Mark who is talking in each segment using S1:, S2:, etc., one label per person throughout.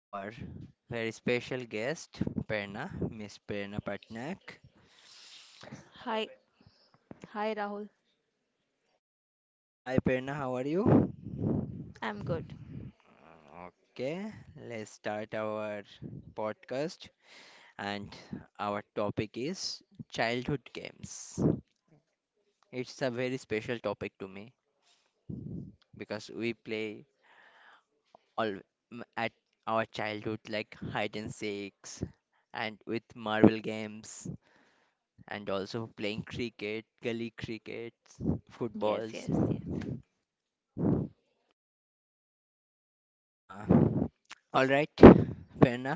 S1: our very special guest, Perna, Miss Perna Patnaik.
S2: Hi, hi, Rahul.
S1: Hi, Perna, how are you?
S2: I'm good.
S1: Uh, Okay, let's start our podcast, and our topic is childhood games. It's a very special topic to me because we play all at our childhood like hide and seeks and with marvel games and also playing cricket gully cricket,
S2: Yes,
S1: footballs.
S2: yes, yes.
S1: uh, all right, Verna,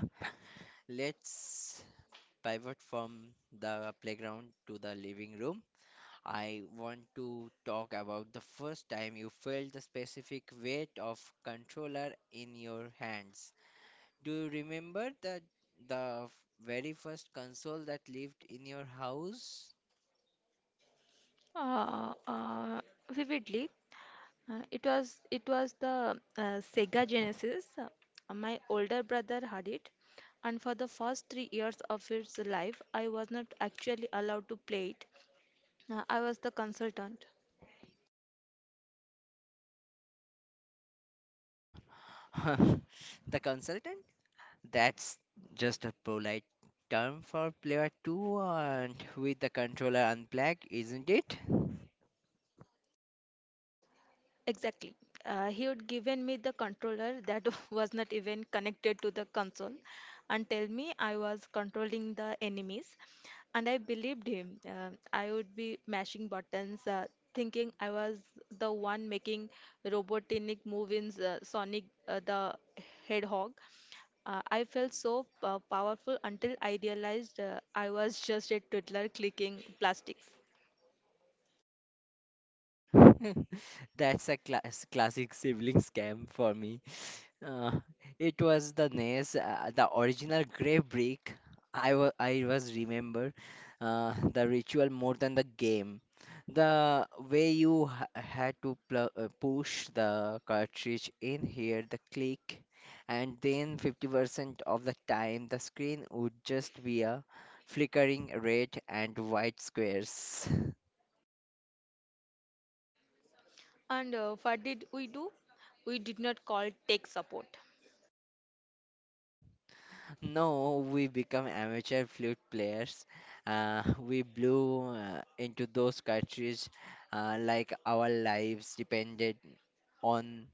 S1: let's pivot from the playground to the living room. I want to talk about the first time you felt the specific weight of controller in your hands. Do you remember that the very first console that lived in your house?
S2: Uh, uh, vividly, it was the Sega Genesis. My older brother had it, and for the first 3 years of its life, I was not actually allowed to play it. I was the consultant.
S1: The consultant? That's just a polite term for player 2 and with the controller unplugged, isn't it?
S2: Exactly. He had given me the controller that was not even connected to the console and tell me I was controlling the enemies. And I believed him. I would be mashing buttons, thinking I was the one making robotic move in Sonic the Hedgehog. I felt so powerful until I realized I was just a twiddler clicking plastics.
S1: That's a classic sibling scam for me. Uh, it was the NES, the original Grey Brick. I was Remember the ritual more than the game. The way you ha had to pl push the cartridge in here, the click, and then 50% of the time the screen would just be a flickering red and white squares.
S2: And what did we do? We did not call tech support.
S1: No, we become amateur flute players. We blew into those countries like our lives depended on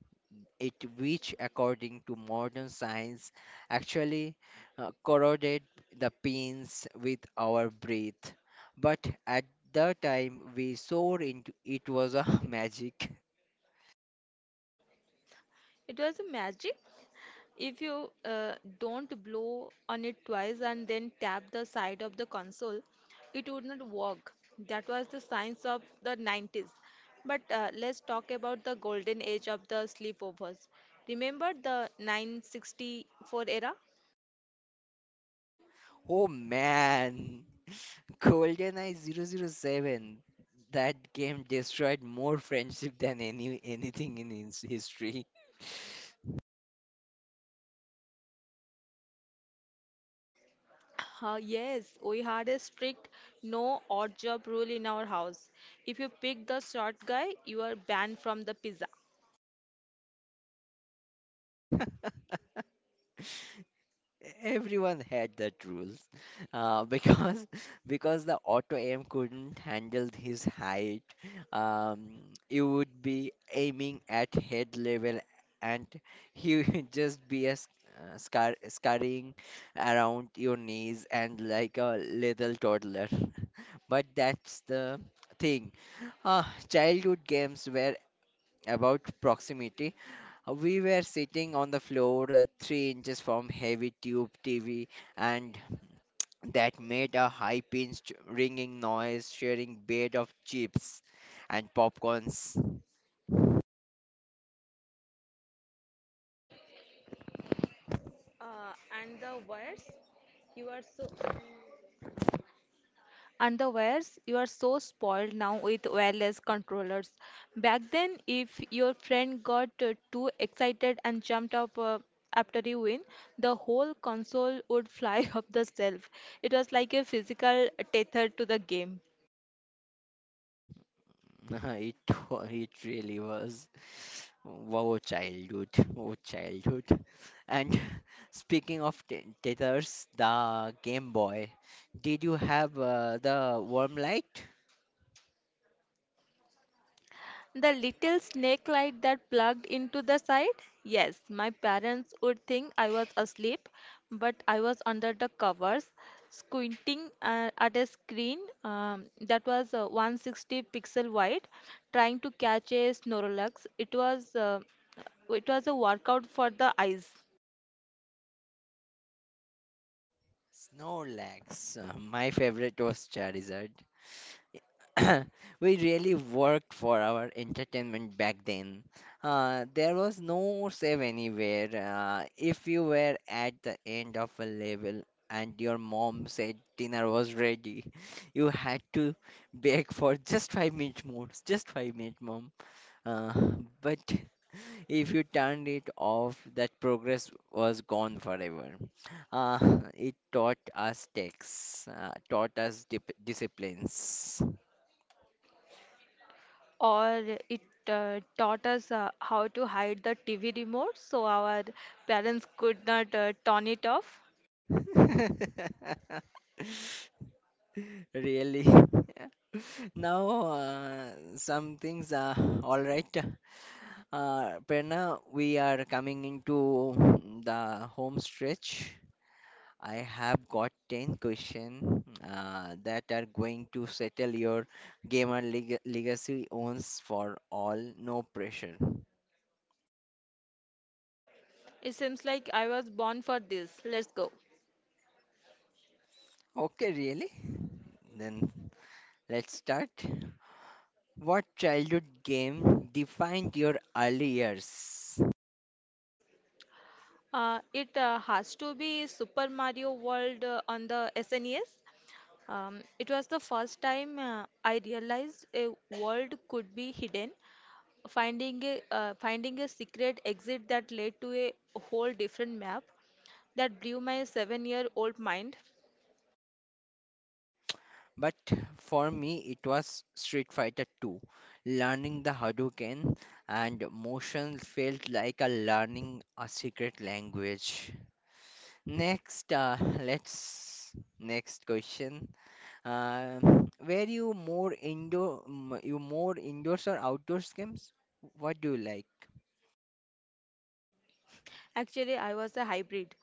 S1: it, which, according to modern science, actually corroded the pins with our breath. But at the time we saw into it was a magic.
S2: It was a magic. If you don't blow on it twice and then tap the side of the console, it would not work. That was the science of the 90s. But let's talk about the golden age of the sleepovers. Remember the 964 era?
S1: Oh man! GoldenEye zero zero 007, that game destroyed more friendship than anything in his history.
S2: Yes, we had a strict no odd job rule in our house. If you pick the short guy, you are banned from the pizza.
S1: Everyone had that rules because because the auto aim couldn't handle his height. um, it would be aiming at head level and he would just be a sc- scar scurrying around your knees and like a little toddler. But that's the thing, childhood games were about proximity. We were sitting on the floor, 3 inches from heavy tube TV, and that made a high pitched ringing noise, sharing bed of chips and popcorns.
S2: Uh, and the wires, you are so. Underwears, you are so spoiled now with wireless controllers. Back then, if your friend got too excited and jumped up after you win, the whole console would fly off the shelf. It was like a physical tether to the game.
S1: It, it really was. Wow, childhood. Oh, childhood. And speaking of tethers, the Game Boy, did you have the warm light?
S2: The little snake light that plugged into the side? Yes, my parents would think I was asleep, but I was under the covers, squinting at a screen that was 160 pixel wide, trying to catch a Snorlax. It was a workout for the eyes,
S1: Snorlax, my favorite was Charizard. We really worked for our entertainment back then. There was no save anywhere. If you were at the end of a level and your mom said dinner was ready, you had to beg for just 5 minutes more, just 5 minutes, mom. Uh, but if you turned it off, that progress was gone forever. It taught us texts, taught us disciplines.
S2: or it taught us how to hide the TV remote so our parents could not turn it off.
S1: Really. Now, some things are all right. Prerna, we are coming into the home stretch. I have got 10 questions that are going to settle your gamer legacy owns for all, no pressure.
S2: It seems like I was born for this. Let's go.
S1: Okay, really? Then let's start. What childhood game defined your early years?
S2: It has to be Super Mario World on the SNES. It was the first time I realized a world could be hidden. Finding a secret exit that led to a whole different map that blew my seven-year-old mind.
S1: But for me, it was Street Fighter 2. Learning the Hadouken and motion felt like a learning a secret language. Next, let's next question. Uh, were you more indoors or outdoors games? What do you like?
S2: Actually, I was a hybrid.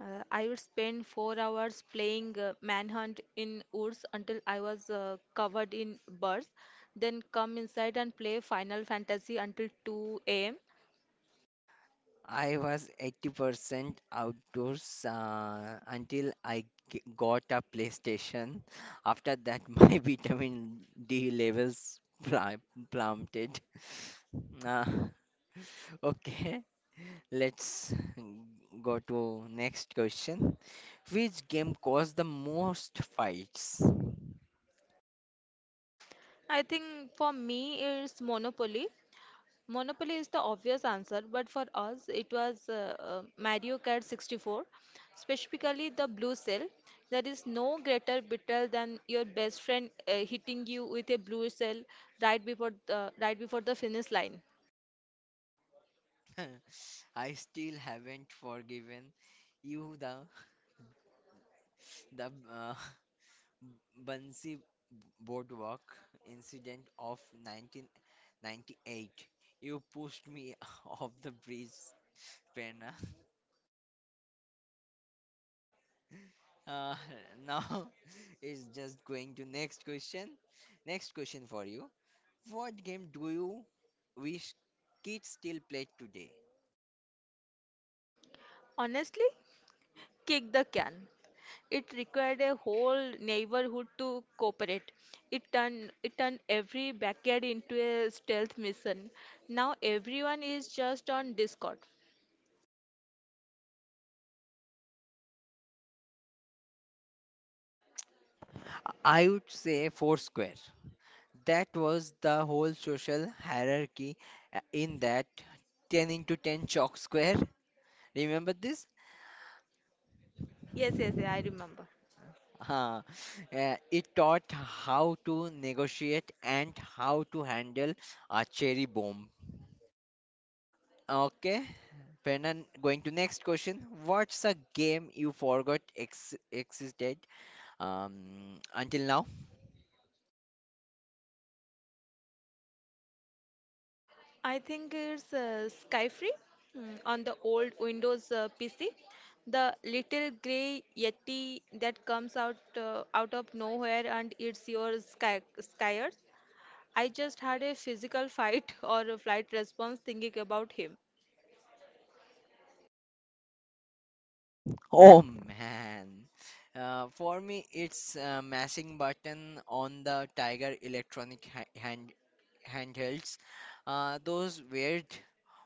S2: I would spend 4 hours playing manhunt in woods until I was covered in birds, then come inside and play Final Fantasy until 2 a.m.
S1: I was 80% outdoors until I got a PlayStation. After that, my vitamin D levels plummeted. Uh, okay, let's go to next question. Which game caused the most fights?
S2: I think for me it's Monopoly. Monopoly is the obvious answer, but for us, it was Mario Kart 64, specifically the blue cell. There is no greater betrayal than your best friend hitting you with a blue cell right before the finish line.
S1: I still haven't forgiven you the the uh, Bansi Boardwalk incident of 1998. You pushed me off the bridge, Prerna. Uh, now is just going to next question. Next question for you. What game do you wish kids still play today?
S2: Honestly, kick the can. It required a whole neighborhood to cooperate. It turned every backyard into a stealth mission. Now everyone is just on Discord.
S1: I would say Foursquare. That was the whole social hierarchy in that 10 into 10 chalk square. Remember this?
S2: Yes, yes, yeah, I remember.
S1: Huh. It taught how to negotiate and how to handle a cherry bomb. Okay, Brennan, going to next question. What's a game you forgot existed until now?
S2: I think it's Skyfree, on the old Windows PC. The little gray Yeti that comes out out of nowhere, and it's your skyers. I just had a physical fight or a flight response thinking about him.
S1: Oh man. For me, it's mashing button on the Tiger electronic handhelds. Those weird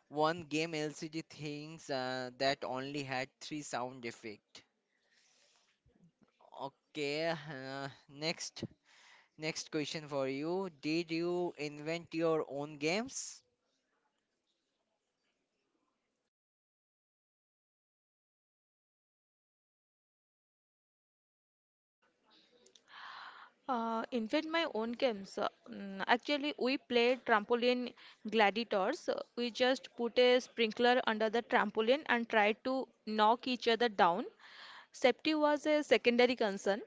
S1: one game LCD things that only had three sound effect. Okay, next question for you. Did you invent your own games?
S2: In fact, my own games. Actually, we played trampoline gladiators. We just put a sprinkler under the trampoline and tried to knock each other down. Safety was a secondary concern.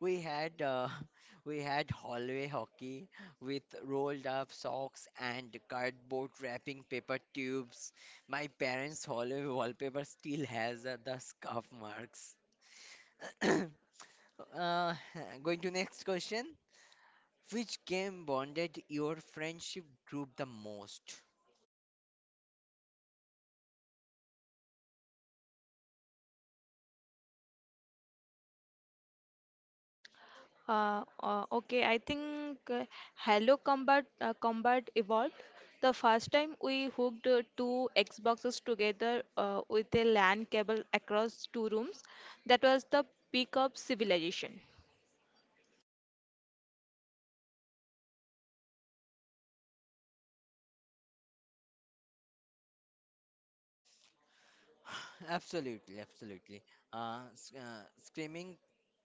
S1: We had we had hallway hockey with rolled up socks and cardboard wrapping paper tubes. My parents' hallway wallpaper still has the scuff marks. uh, going to next question. Which game bonded your friendship group the most?
S2: Okay, I think Halo Combat Evolved. The first time we hooked two Xboxes together with a LAN cable across two rooms, that was the peak of civilization.
S1: Absolutely, absolutely. Uh, s- uh, screaming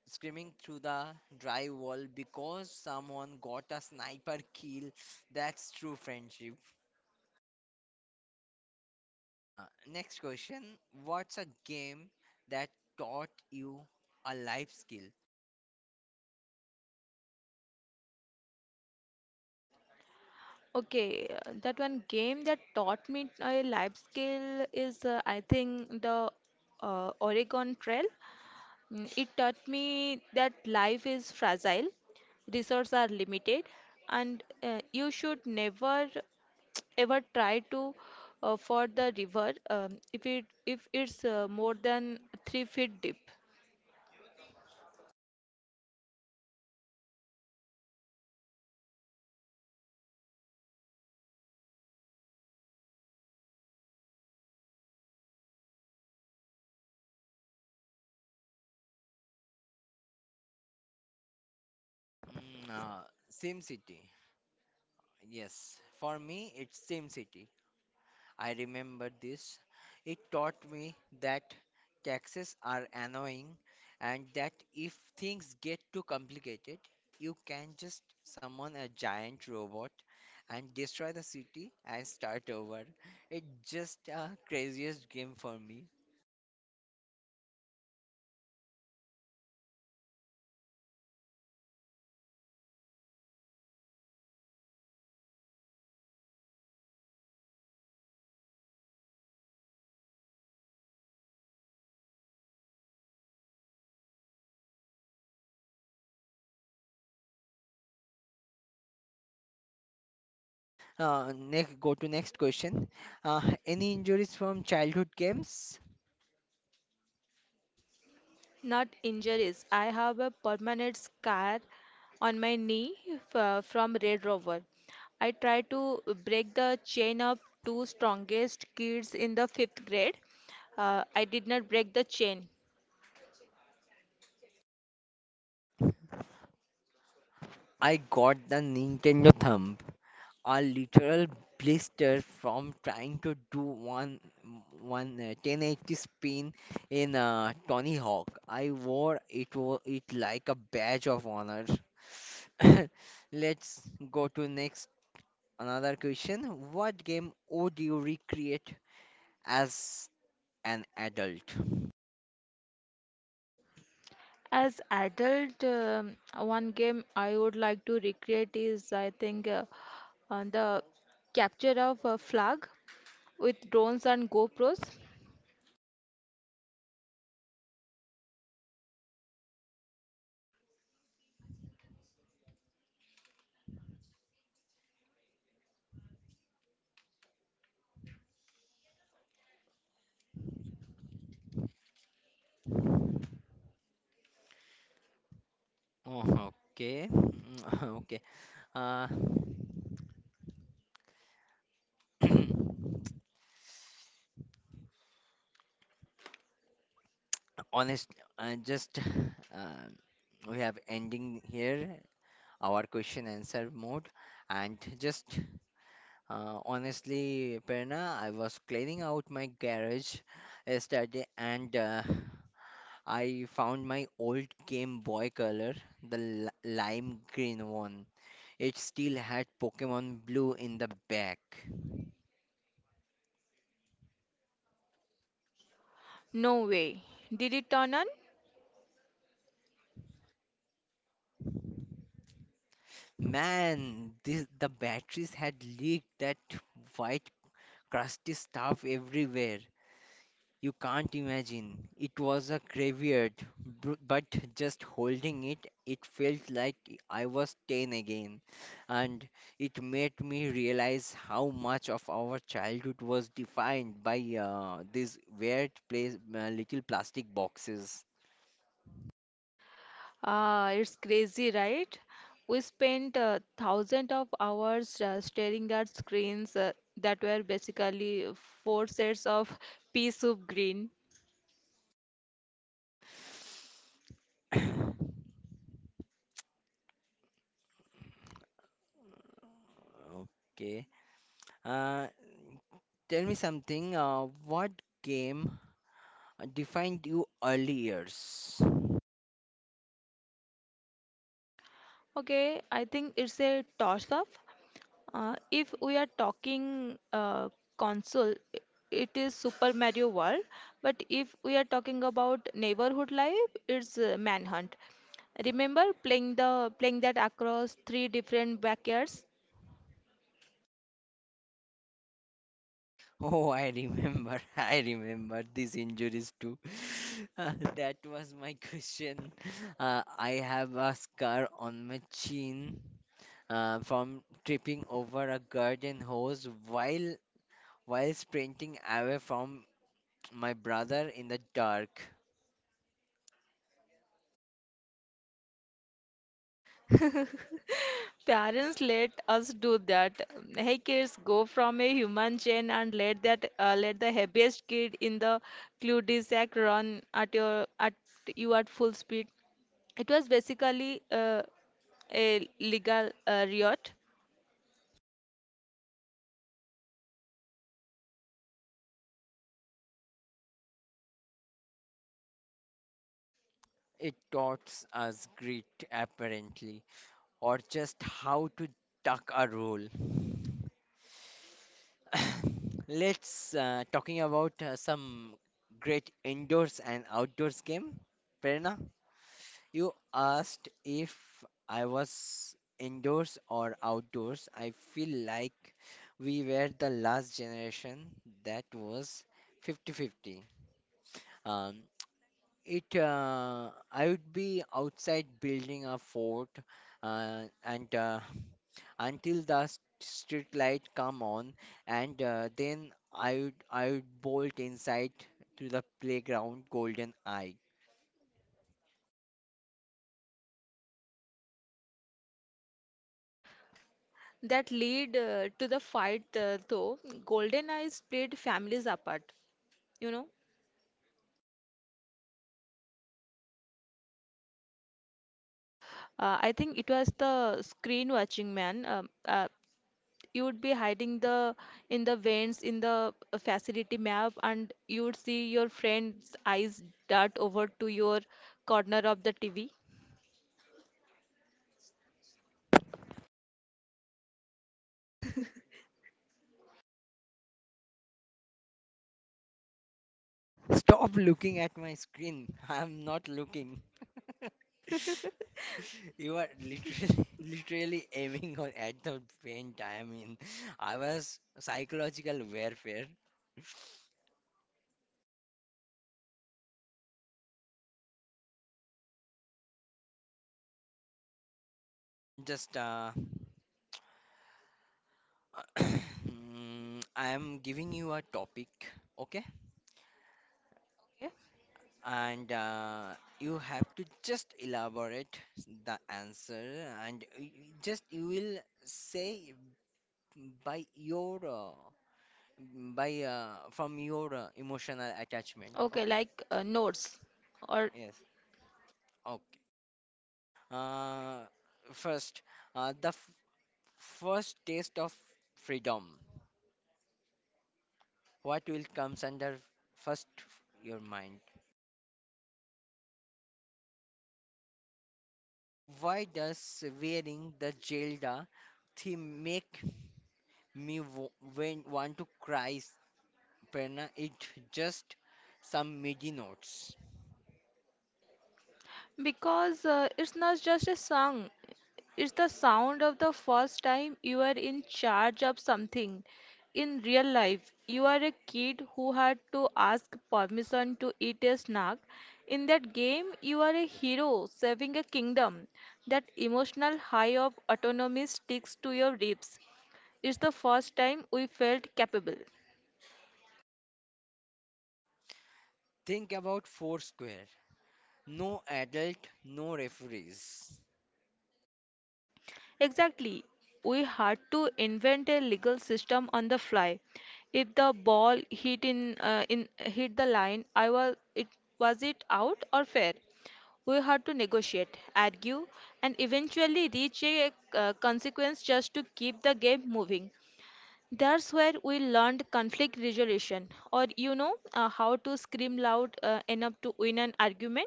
S1: Screaming through the drywall because someone got a sniper kill. That's true friendship. Uh, Next question. What's a game that taught you a life skill?
S2: Okay, that one game that taught me a life skill is I think the Oregon Trail. It taught me that life is fragile, resources are limited, and you should never ever try to ford the river, if it if it's more than 3 feet deep.
S1: Mm, uh, SimCity. Yes, for me, it's SimCity. I remember this. It taught me that taxes are annoying and that if things get too complicated, you can just summon a giant robot and destroy the city and start over. It's just a craziest game for me. Next, go to next question. Any injuries from childhood games?
S2: Not injuries. I have a permanent scar on my knee from Red Rover. I tried to break the chain of two strongest kids in the fifth grade. I did not break the chain.
S1: I got the Nintendo thumb, a literal blister from trying to do one one 1080 spin in Tony Hawk. I wore it like a badge of honor. Let's go to next another question. What game would you recreate as an adult?
S2: As adult, one game I would like to recreate is, I think, on the capture of a flag with drones and GoPros.
S1: Oh, okay. Mm, okay. Uh, honest, just, uh, we have ending here our question answer mode. And just, honestly, Perna, I was cleaning out my garage yesterday, and I found my old Game Boy color, the lime green one. It still had Pokemon Blue in the back.
S2: No way. Did it turn on?
S1: Man, this, the batteries had leaked that white crusty stuff everywhere. You can't imagine. It was a graveyard, but just holding it, it felt like I was 10 again. And it made me realize how much of our childhood was defined by these weird place, little plastic boxes.
S2: It's crazy, right? We spent thousands of hours staring at screens that were basically four sets of pea soup green.
S1: Okay. Uh, Tell me something. What game defined you early years?
S2: Okay, I think it's a toss-up. If we are talking console, it is Super Mario World. But if we are talking about neighborhood life, it's Manhunt. Remember playing the playing that across three different backyards?
S1: Oh, I remember. I remember these injuries too. That was my question. I have a scar on my chin from tripping over a garden hose while sprinting away from my brother in the dark.
S2: Parents let us do that. Hey kids, go from a human chain, and let that let the heaviest kid in the cul-de-sac run at you at full speed. It was basically a legal riot
S1: It taught us grit, apparently. Or just how to duck a roll. Let's talking about some great indoors and outdoors game. Prerna, you asked if I was indoors or outdoors. I feel like we were the last generation that was fifty-fifty. Um, it I would be outside building a fort and until the street light come on, and then I would bolt inside to the playground golden eye.
S2: that lead to the fight, though. GoldenEye split families apart you know I think it was the screen watching, man. You would be hiding the vents in the facility map, and you would see your friend's eyes dart over to your corner of the TV.
S1: Stop looking at my screen. I'm not looking. You are literally literally aiming on at the paint. I mean, I was psychological warfare. Just I am giving you a topic, okay?
S2: Okay.
S1: And you have to just elaborate the answer, and just you will say by your, by from your emotional attachment,
S2: Okay,
S1: okay?
S2: like notes, or...
S1: Yes, okay. uh, First, uh, the f- first taste of freedom, what will comes under first, your mind, why does wearing the jelda theme make me when want to cry, Prerna? It just some midi notes.
S2: Because it's not just a song, it's the sound of the first time you are in charge of something. In real life, you are a kid who had to ask permission to eat a snack. In that game, you are a hero saving a kingdom. That emotional high of autonomy sticks to your ribs. It's the first time we felt capable.
S1: Think about Foursquare. No adult, no referees.
S2: Exactly. We had to invent a legal system on the fly. If the ball hit in hit the line, I was it out or fair? We had to negotiate, argue, and eventually reach a consequence just to keep the game moving. That's where we learned conflict resolution, or how to scream loud enough to win an argument.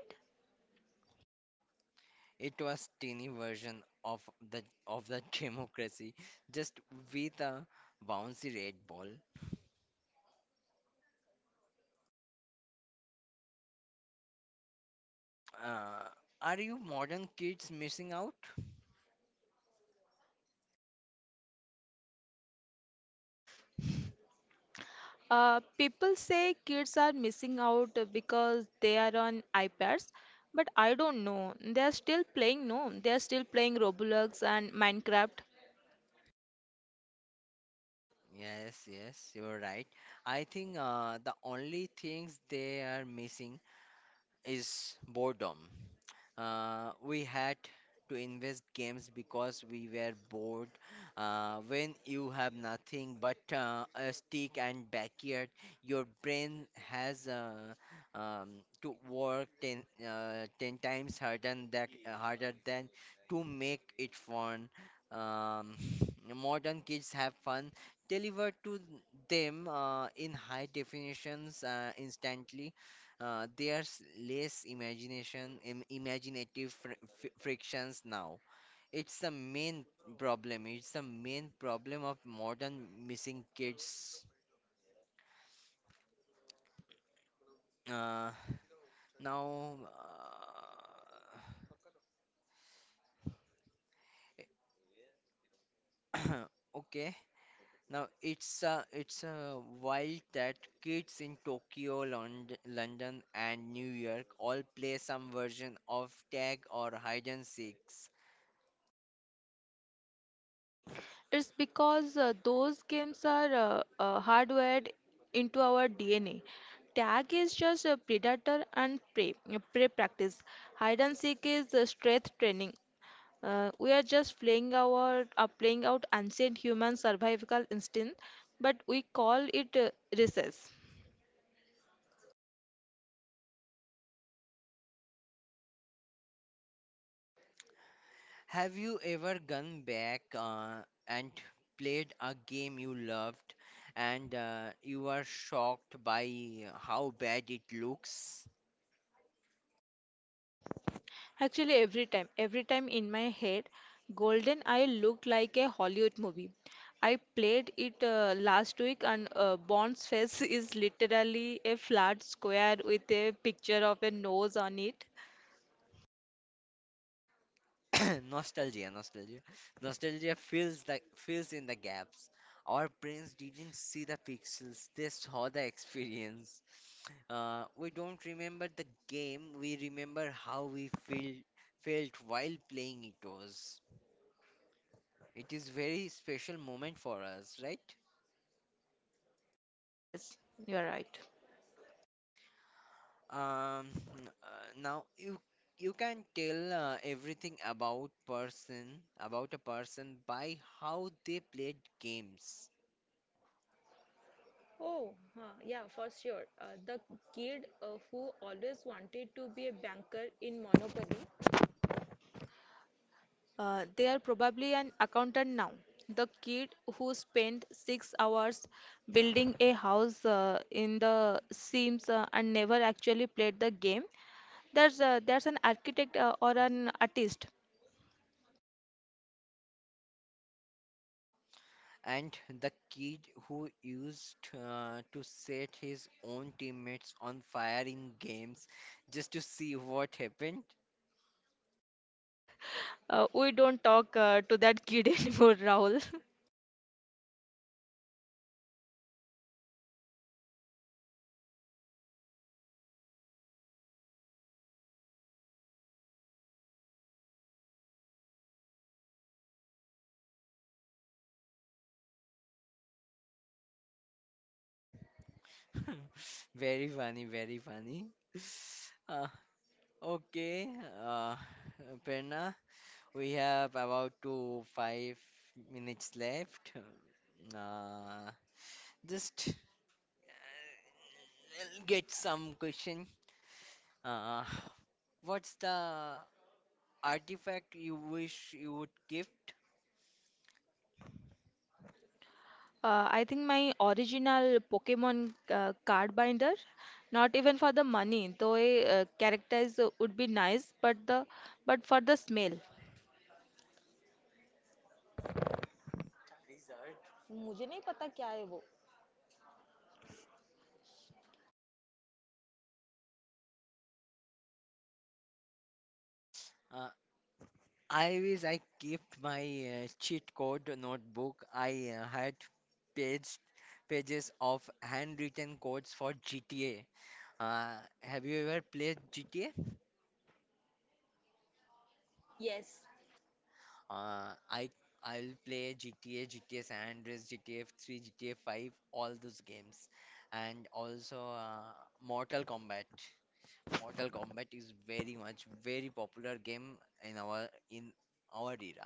S1: It was teeny version of the democracy, just with a bouncy red ball. Uh, are you modern kids missing out?
S2: People say kids are missing out because they are on iPads, but I don't know. They are still playing. No, they are still playing Roblox and Minecraft.
S1: Yes, yes, you're right. I think the only things they are missing is boredom. We had to invest games because we were bored. When you have nothing but a stick and backyard, your brain has to work 10 times harder than to make it fun. Um, modern kids have fun delivered to them in high definitions, instantly. There's less imagination, imaginative frictions now. It's the main problem. It's the main problem of modern missing kids. Uh, Now, uh, okay. Now it's wild that kids in Tokyo, London, and New York all play some version of tag or hide and seek.
S2: It's because those games are hardwired into our DNA. Tag is just a predator and prey practice. Hide and seek is strength training. We are just playing our playing out ancient human survival instinct, but we call it recess.
S1: Have you ever gone back and played a game you loved, and you are shocked by how bad it looks?
S2: Actually, every time in my head, Golden Eye looked like a Hollywood movie. I played it last week, and Bond's face is literally a flat square with a picture of a nose on it.
S1: Nostalgia, nostalgia. Nostalgia fills in the gaps. Our brains didn't see the pixels, they saw the experience. We don't remember the game, we remember how we felt while playing it was. It is very special moment for us, right?
S2: Yes, you're right.
S1: Um, uh, Now you can tell everything about a person by how they played games.
S2: Oh, huh, yeah, for sure. The kid who always wanted to be a banker in Monopoly. They are probably an accountant now. The kid who spent 6 hours building a house in the Sims and never actually played the game, that's an architect or an artist.
S1: And the kid who used to set his own teammates on fire in games just to see what happened.
S2: We don't talk to that kid anymore, Rahul.
S1: Very funny, very funny. Uh, okay. uh, Perna, we have about two five minutes left. Uh, Just get some question. Uh, what's the artifact you wish you would gift?
S2: I think my original Pokemon card binder, not even for the money, though a characters would be nice, but the but for the smell. मुझे नहीं पता क्या है वो.
S1: Uh, I wish I kept my cheat code notebook. I had page pages of handwritten codes for GTA. Uh, have you ever played GTA?
S2: Yes.
S1: Uh, I I'll play GTA, GTA San Andreas, GTA 3, GTA 5, all those games, and also Mortal Kombat. Mortal Kombat is very much very popular game in our in our era,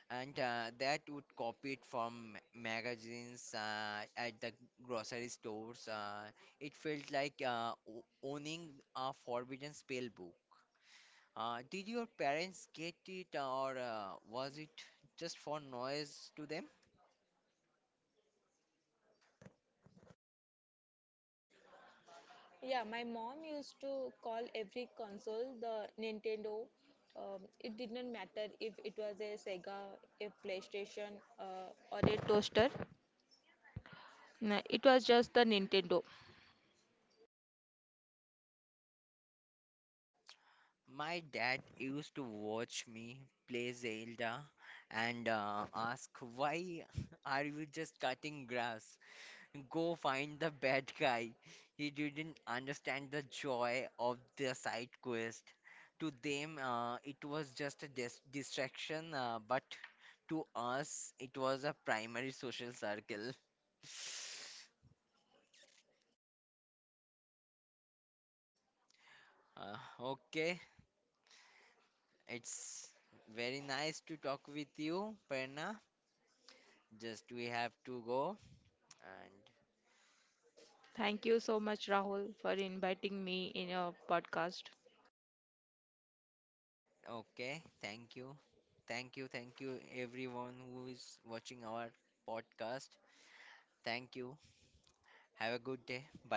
S1: and that would copy it from magazines at the grocery stores. It felt like owning a forbidden spell book. Did your parents get it, or was it just for noise to them?
S2: Yeah, my mom used to call every console the Nintendo. It didn't matter if it was a Sega, a PlayStation, or a toaster. No, it was just the Nintendo.
S1: My dad used to watch me play Zelda and ask, why are you just cutting grass? Go find the bad guy. He didn't understand the joy of the side quest. To them, it was just a distraction, but to us, it was a primary social circle. Uh, okay, it's very nice to talk with you, Perna. Just we have to go and
S2: Thank you so much, Rahul, for inviting me in your podcast.
S1: okay, thank you. Thank you, thank you everyone who is watching our podcast. Thank you. Have a good day. Bye.